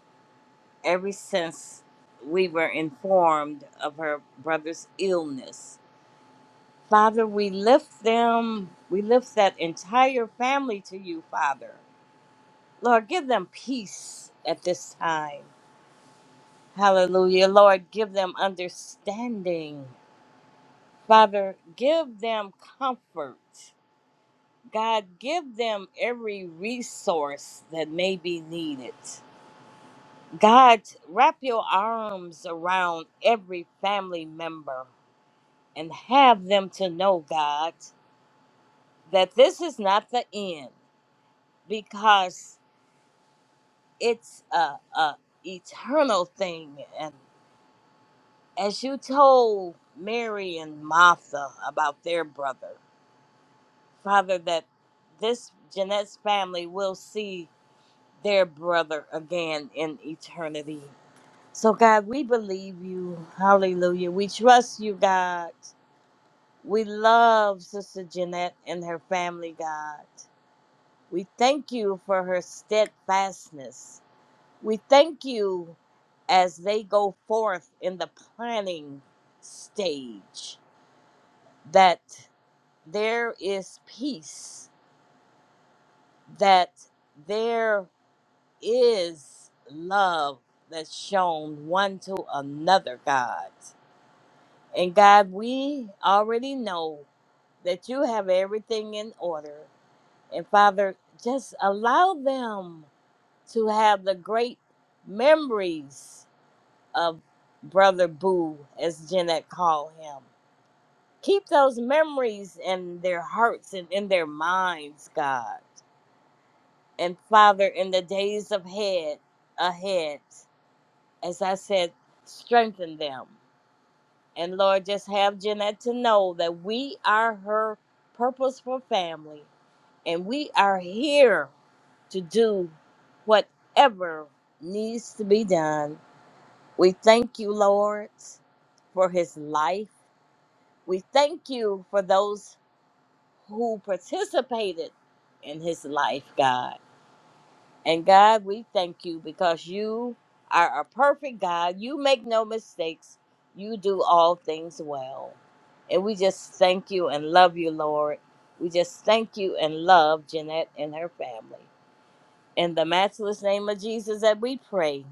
Speaker 6: ever since we were informed of her brother's illness. Father, we lift them, we lift that entire family to you, Father. Lord, give them peace at this time. Hallelujah. Lord, give them understanding. Father, give them comfort. God, give them every resource that may be needed. God, wrap your arms around every family member and have them to know, God, that this is not the end because it's a, a eternal thing. And as you told Mary and Martha about their brother, Father, that this Jeanette's family will see their brother again in eternity. So, God, we believe you. Hallelujah. We trust you, God. We love Sister Jeanette and her family, God. We thank you for her steadfastness. We thank you as they go forth in the planning stage that there is peace, that there is love that's shown one to another, God. And God, we already know that you have everything in order. And Father, just allow them to have the great memories of Brother Boo, as Jeanette called him. Keep those memories in their hearts and in their minds, God. And Father, in the days of head ahead. as I said, strengthen them. And Lord, just have Jeanette to know that we are her purposeful family and we are here to do whatever needs to be done. We thank you, Lord, for his life. We thank you for those who participated in his life, God. And God, we thank you because you are a perfect God. You make no mistakes. You do all things well. And we just thank you and love you, Lord. We just thank you and love Jeanette and her family. In the matchless name of Jesus that we pray.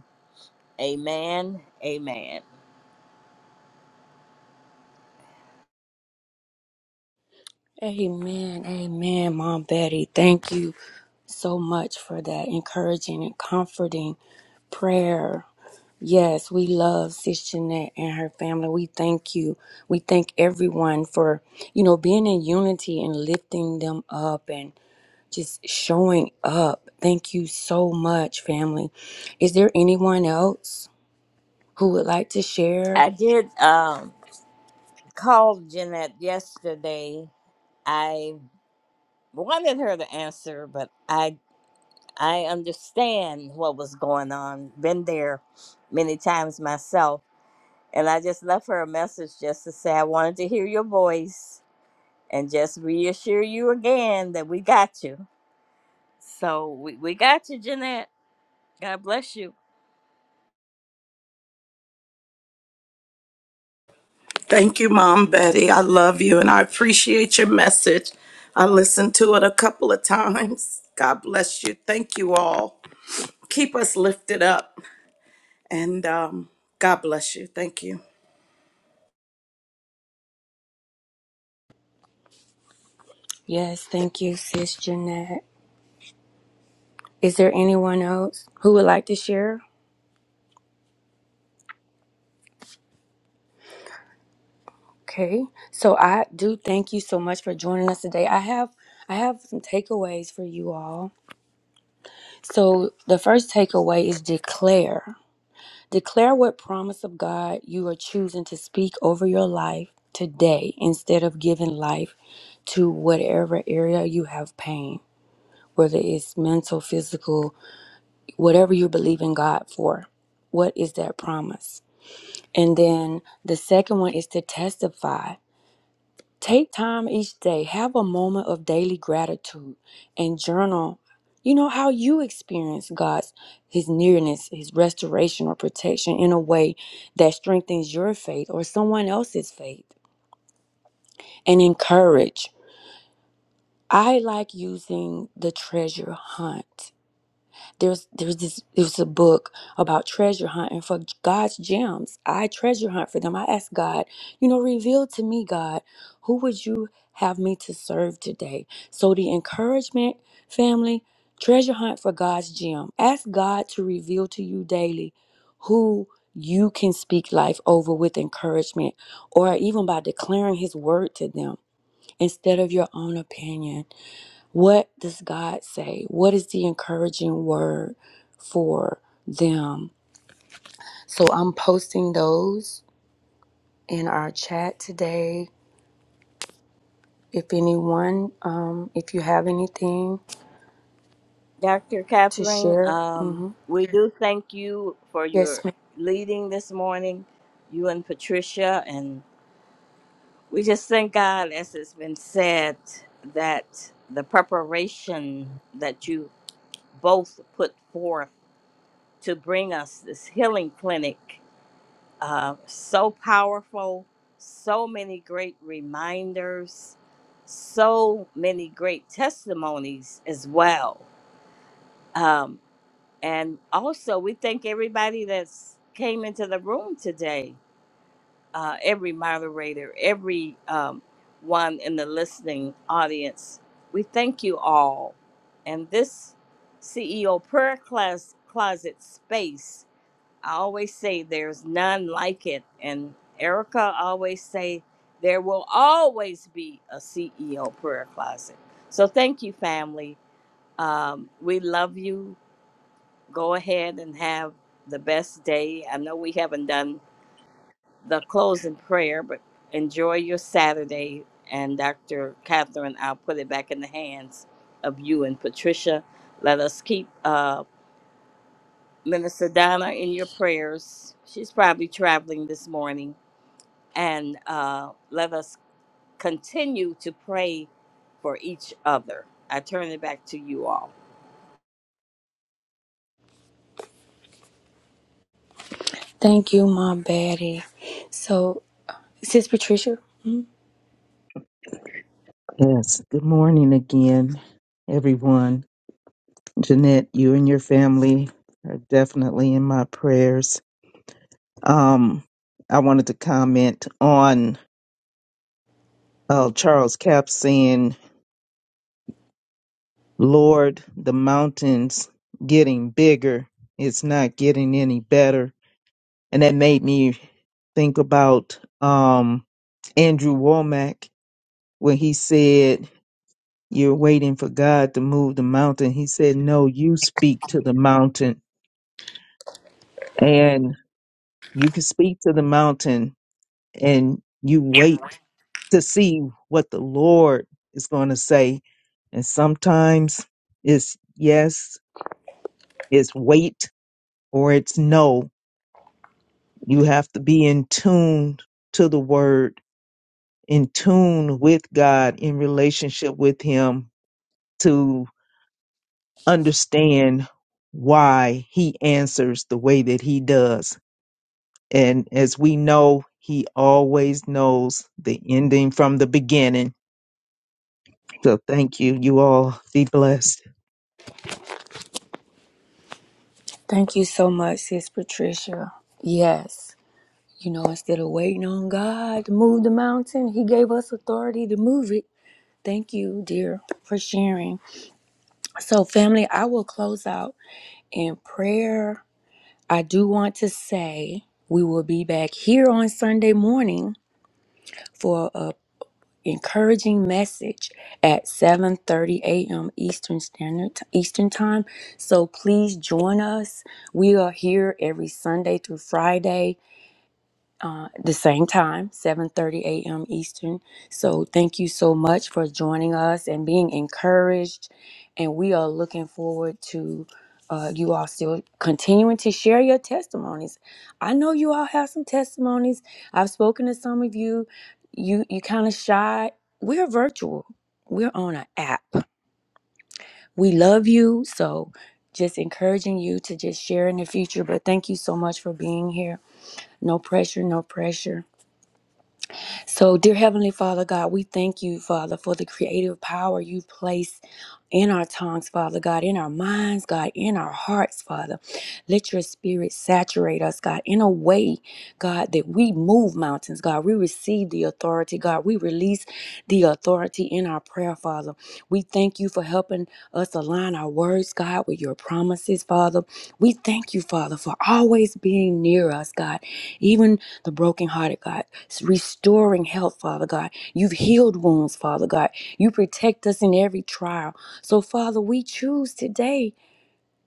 Speaker 6: Amen. Amen.
Speaker 1: Amen. Amen, Mom Betty. Thank you so much for that encouraging and comforting prayer. Yes, we love Sis Jeanette and her family. We thank you. We thank everyone for, you know, being in unity and lifting them up and just showing up. Thank you so much, family. Is there anyone else who would like to share?
Speaker 6: I did um, call Jeanette yesterday. I wanted her to answer, but I I understand what was going on. Been there many times myself. And I just left her a message just to say I wanted to hear your voice and just reassure you again that we got you. So we, we got you, Jeanette. God bless you.
Speaker 5: Thank you, Mom Betty. I love you and I appreciate your message. I listened to it a couple of times. God bless you. Thank you all. Keep us lifted up and um, God bless you. Thank you.
Speaker 1: Yes, thank you, Sis Jeanette. Is there anyone else who would like to share? Okay, so I do thank you so much for joining us today. I have I have some takeaways for you all. So the first takeaway is declare. Declare what promise of God you are choosing to speak over your life today instead of giving life to whatever area you have pain, whether it's mental, physical, whatever you believe in God for. What is that promise? And then the second one is to testify Take time each day, have a moment of daily gratitude and journal. You know how you experience God's his nearness, his restoration or protection in a way that strengthens your faith or someone else's faith and encourage. I like using the treasure hunt. there's there's this there's a book about treasure hunting for God's gems. I treasure hunt for them. I ask God, you know, reveal to me, God, who would you have me to serve today? So the encouragement, family, treasure hunt for God's gem. Ask God to reveal to you daily who you can speak life over with encouragement or even by declaring his word to them instead of your own opinion. What does God say? What is the encouraging word for them? So I'm posting those in our chat today. If anyone, um, if you have anything
Speaker 6: Dr.
Speaker 1: to
Speaker 6: Catherine,
Speaker 1: share,
Speaker 6: um,
Speaker 1: hmm
Speaker 6: we do thank you for
Speaker 1: yes,
Speaker 6: your
Speaker 1: ma'am.
Speaker 6: leading this morning, you and Patricia. And we just thank God, as it's been said, that the preparation that you both put forth to bring us this healing clinic. Uh, so powerful, so many great reminders, so many great testimonies as well. Um, and also, we thank everybody that's came into the room today. uh, every moderator, every um, one in the listening audience. We thank you all. And this CEO prayer class closet space, I always say there's none like it. And Erica always say there will always be a CEO prayer closet. So thank you, family. Um, we love you. Go ahead and have the best day. I know we haven't done the closing prayer, but enjoy your Saturday. And Dr. Catherine, I'll put it back in the hands of you and Patricia. Let us keep uh, Minister Donna in your prayers. She's probably traveling this morning. And uh, let us continue to pray for each other. I turn it back to you all.
Speaker 1: Thank you, my baddie. So, Sis Patricia, mhm.
Speaker 2: Yes. Good morning again, everyone. Jeanette, you and your family are definitely in my prayers. Um, I wanted to comment on uh, Charles Cap saying, Lord, the mountain's getting bigger. It's not getting any better. And that made me think about um, Andrew Womack when he said, You're waiting for God to move the mountain. He said, No, you speak to the mountain. And you can speak to the mountain and you wait to see what the Lord is going to say. And sometimes it's yes, it's wait, or it's no. You have to be in tune to the word, in tune with God, in relationship with Him to understand why He answers the way that He does. And as we know, He always knows the ending from the beginning So thank you. You all be blessed.
Speaker 1: thank you so much, Sis Patricia. Yes, you know, instead of waiting on God to move the mountain, He gave us authority to move it. Thank you, dear, for sharing. So, family, I will close out in prayer. I do want to say we will be back here on Sunday morning for a encouraging message at 7:30 a.m. Eastern Standard Eastern Time. So please join us. We are here every Sunday through Friday uh, the same time, 7:30 a.m. Eastern. So thank you so much for joining us and being encouraged. And we are looking forward to uh, you all still continuing to share your testimonies. I know you all have some testimonies. I've spoken to some of you. You you kind of shy. We're virtual. We're on an app. We love you. So just encouraging you to just share in the future. But thank you so much for being here. No pressure. No pressure so, dear Heavenly Father God, we thank you, Father, for the creative power you place in our tongues, Father God, in our minds, God, in our hearts, Father. Let your spirit saturate us, God, in a way, God, that we move mountains, God. We receive the authority, God. We release the authority in our prayer, Father. We thank you for helping us align our words, God, with your promises, Father. We thank you, Father, for always being near us, God, even the brokenhearted, God restoring health, Father God. You've healed wounds, Father God. You protect us in every trial. So, Father, we choose today,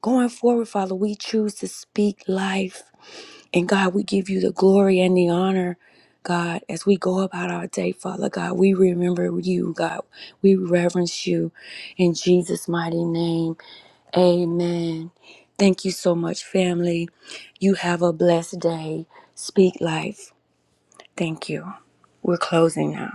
Speaker 1: going forward, Father, we choose to speak life. And God, we give you the glory and the honor. God, as we go about our day, Father God, we remember you, God. We reverence you in Jesus' mighty name. Amen. Thank you so much, family. You have a blessed day. Speak life. Thank you. We're closing now.